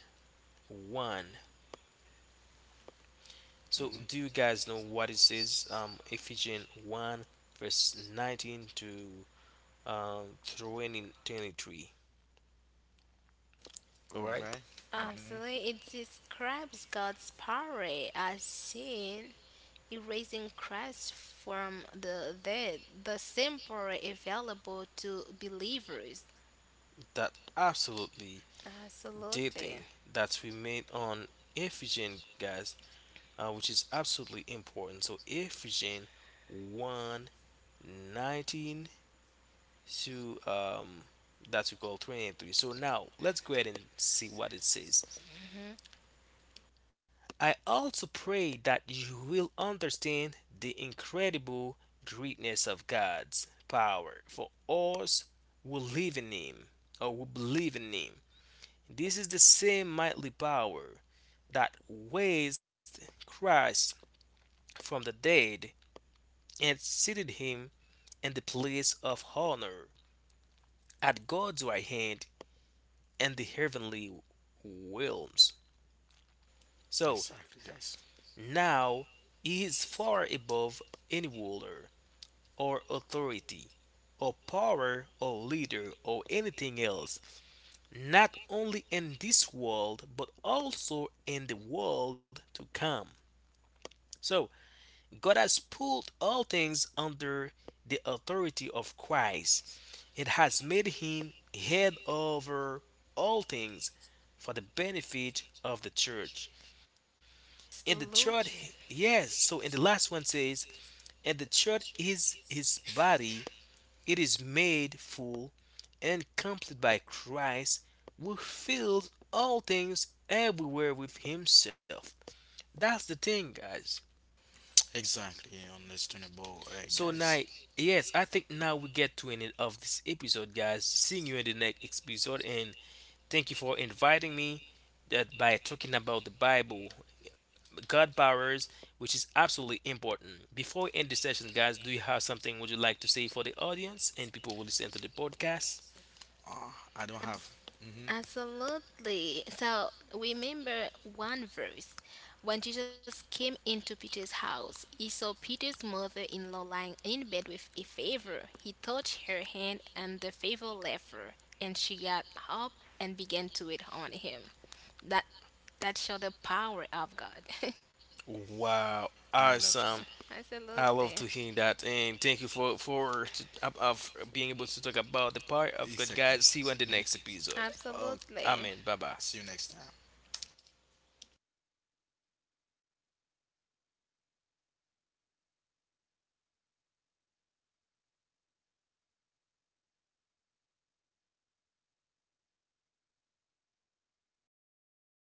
C: one. So do you guys know what it says? Ephesians one, verse 19 to 20, 23. All right,
A: Alright. Hmm.
B: Absolutely. It describes God's power as seen erasing Christ from the dead, the simple available to believers.
C: that absolutely
B: Absolutely.
C: dating that we made on Ephesians, guys, which is absolutely important. So Ephesians 1:19 to that we call 23. So now let's go ahead and see what it says. I also pray that you will understand the incredible greatness of God's power for us who live in Him or who believe in Him. This is the same mighty power that raised Christ from the dead and seated him in the place of honor at God's right hand and the heavenly realms. So
A: Exactly, guys.
C: now he is far above any ruler or authority or power or leader or anything else, not only in this world but also in the world to come. So God has pulled all things under the authority of Christ. It has made him head over all things for the benefit of the church. And the church,
B: Absolutely.
C: yes, so in the last one says, and the church is his body, it is made full and complete by Christ, who fills all things everywhere with himself. That's the thing, guys.
A: Exactly, understandable,
C: So
A: guys.
C: now, yes, I think now we get to an end of this episode, guys. Seeing you in the next episode, and thank you for inviting me. That by talking about the Bible, God powers, which is absolutely important. Before we end the session, guys, do you have something would you like to say for the audience and people who listen to the podcast?
A: I don't have. Hmm.
B: Absolutely. So remember one verse. When Jesus came into Peter's house, he saw Peter's mother in law lying in bed with a fever. He touched her hand, and the fever left her, and she got up and began to wait on him. That that showed the power of God. [LAUGHS]
C: Wow,
A: I love that.
C: awesome! I love
B: Absolutely.
C: to hear that, and thank you for being able to talk about the power of God,
A: Exactly.
C: guys. See you in the
A: Hmm.
C: next episode.
A: Oh,
B: Absolutely.
C: Amen. Bye bye.
A: see you next time.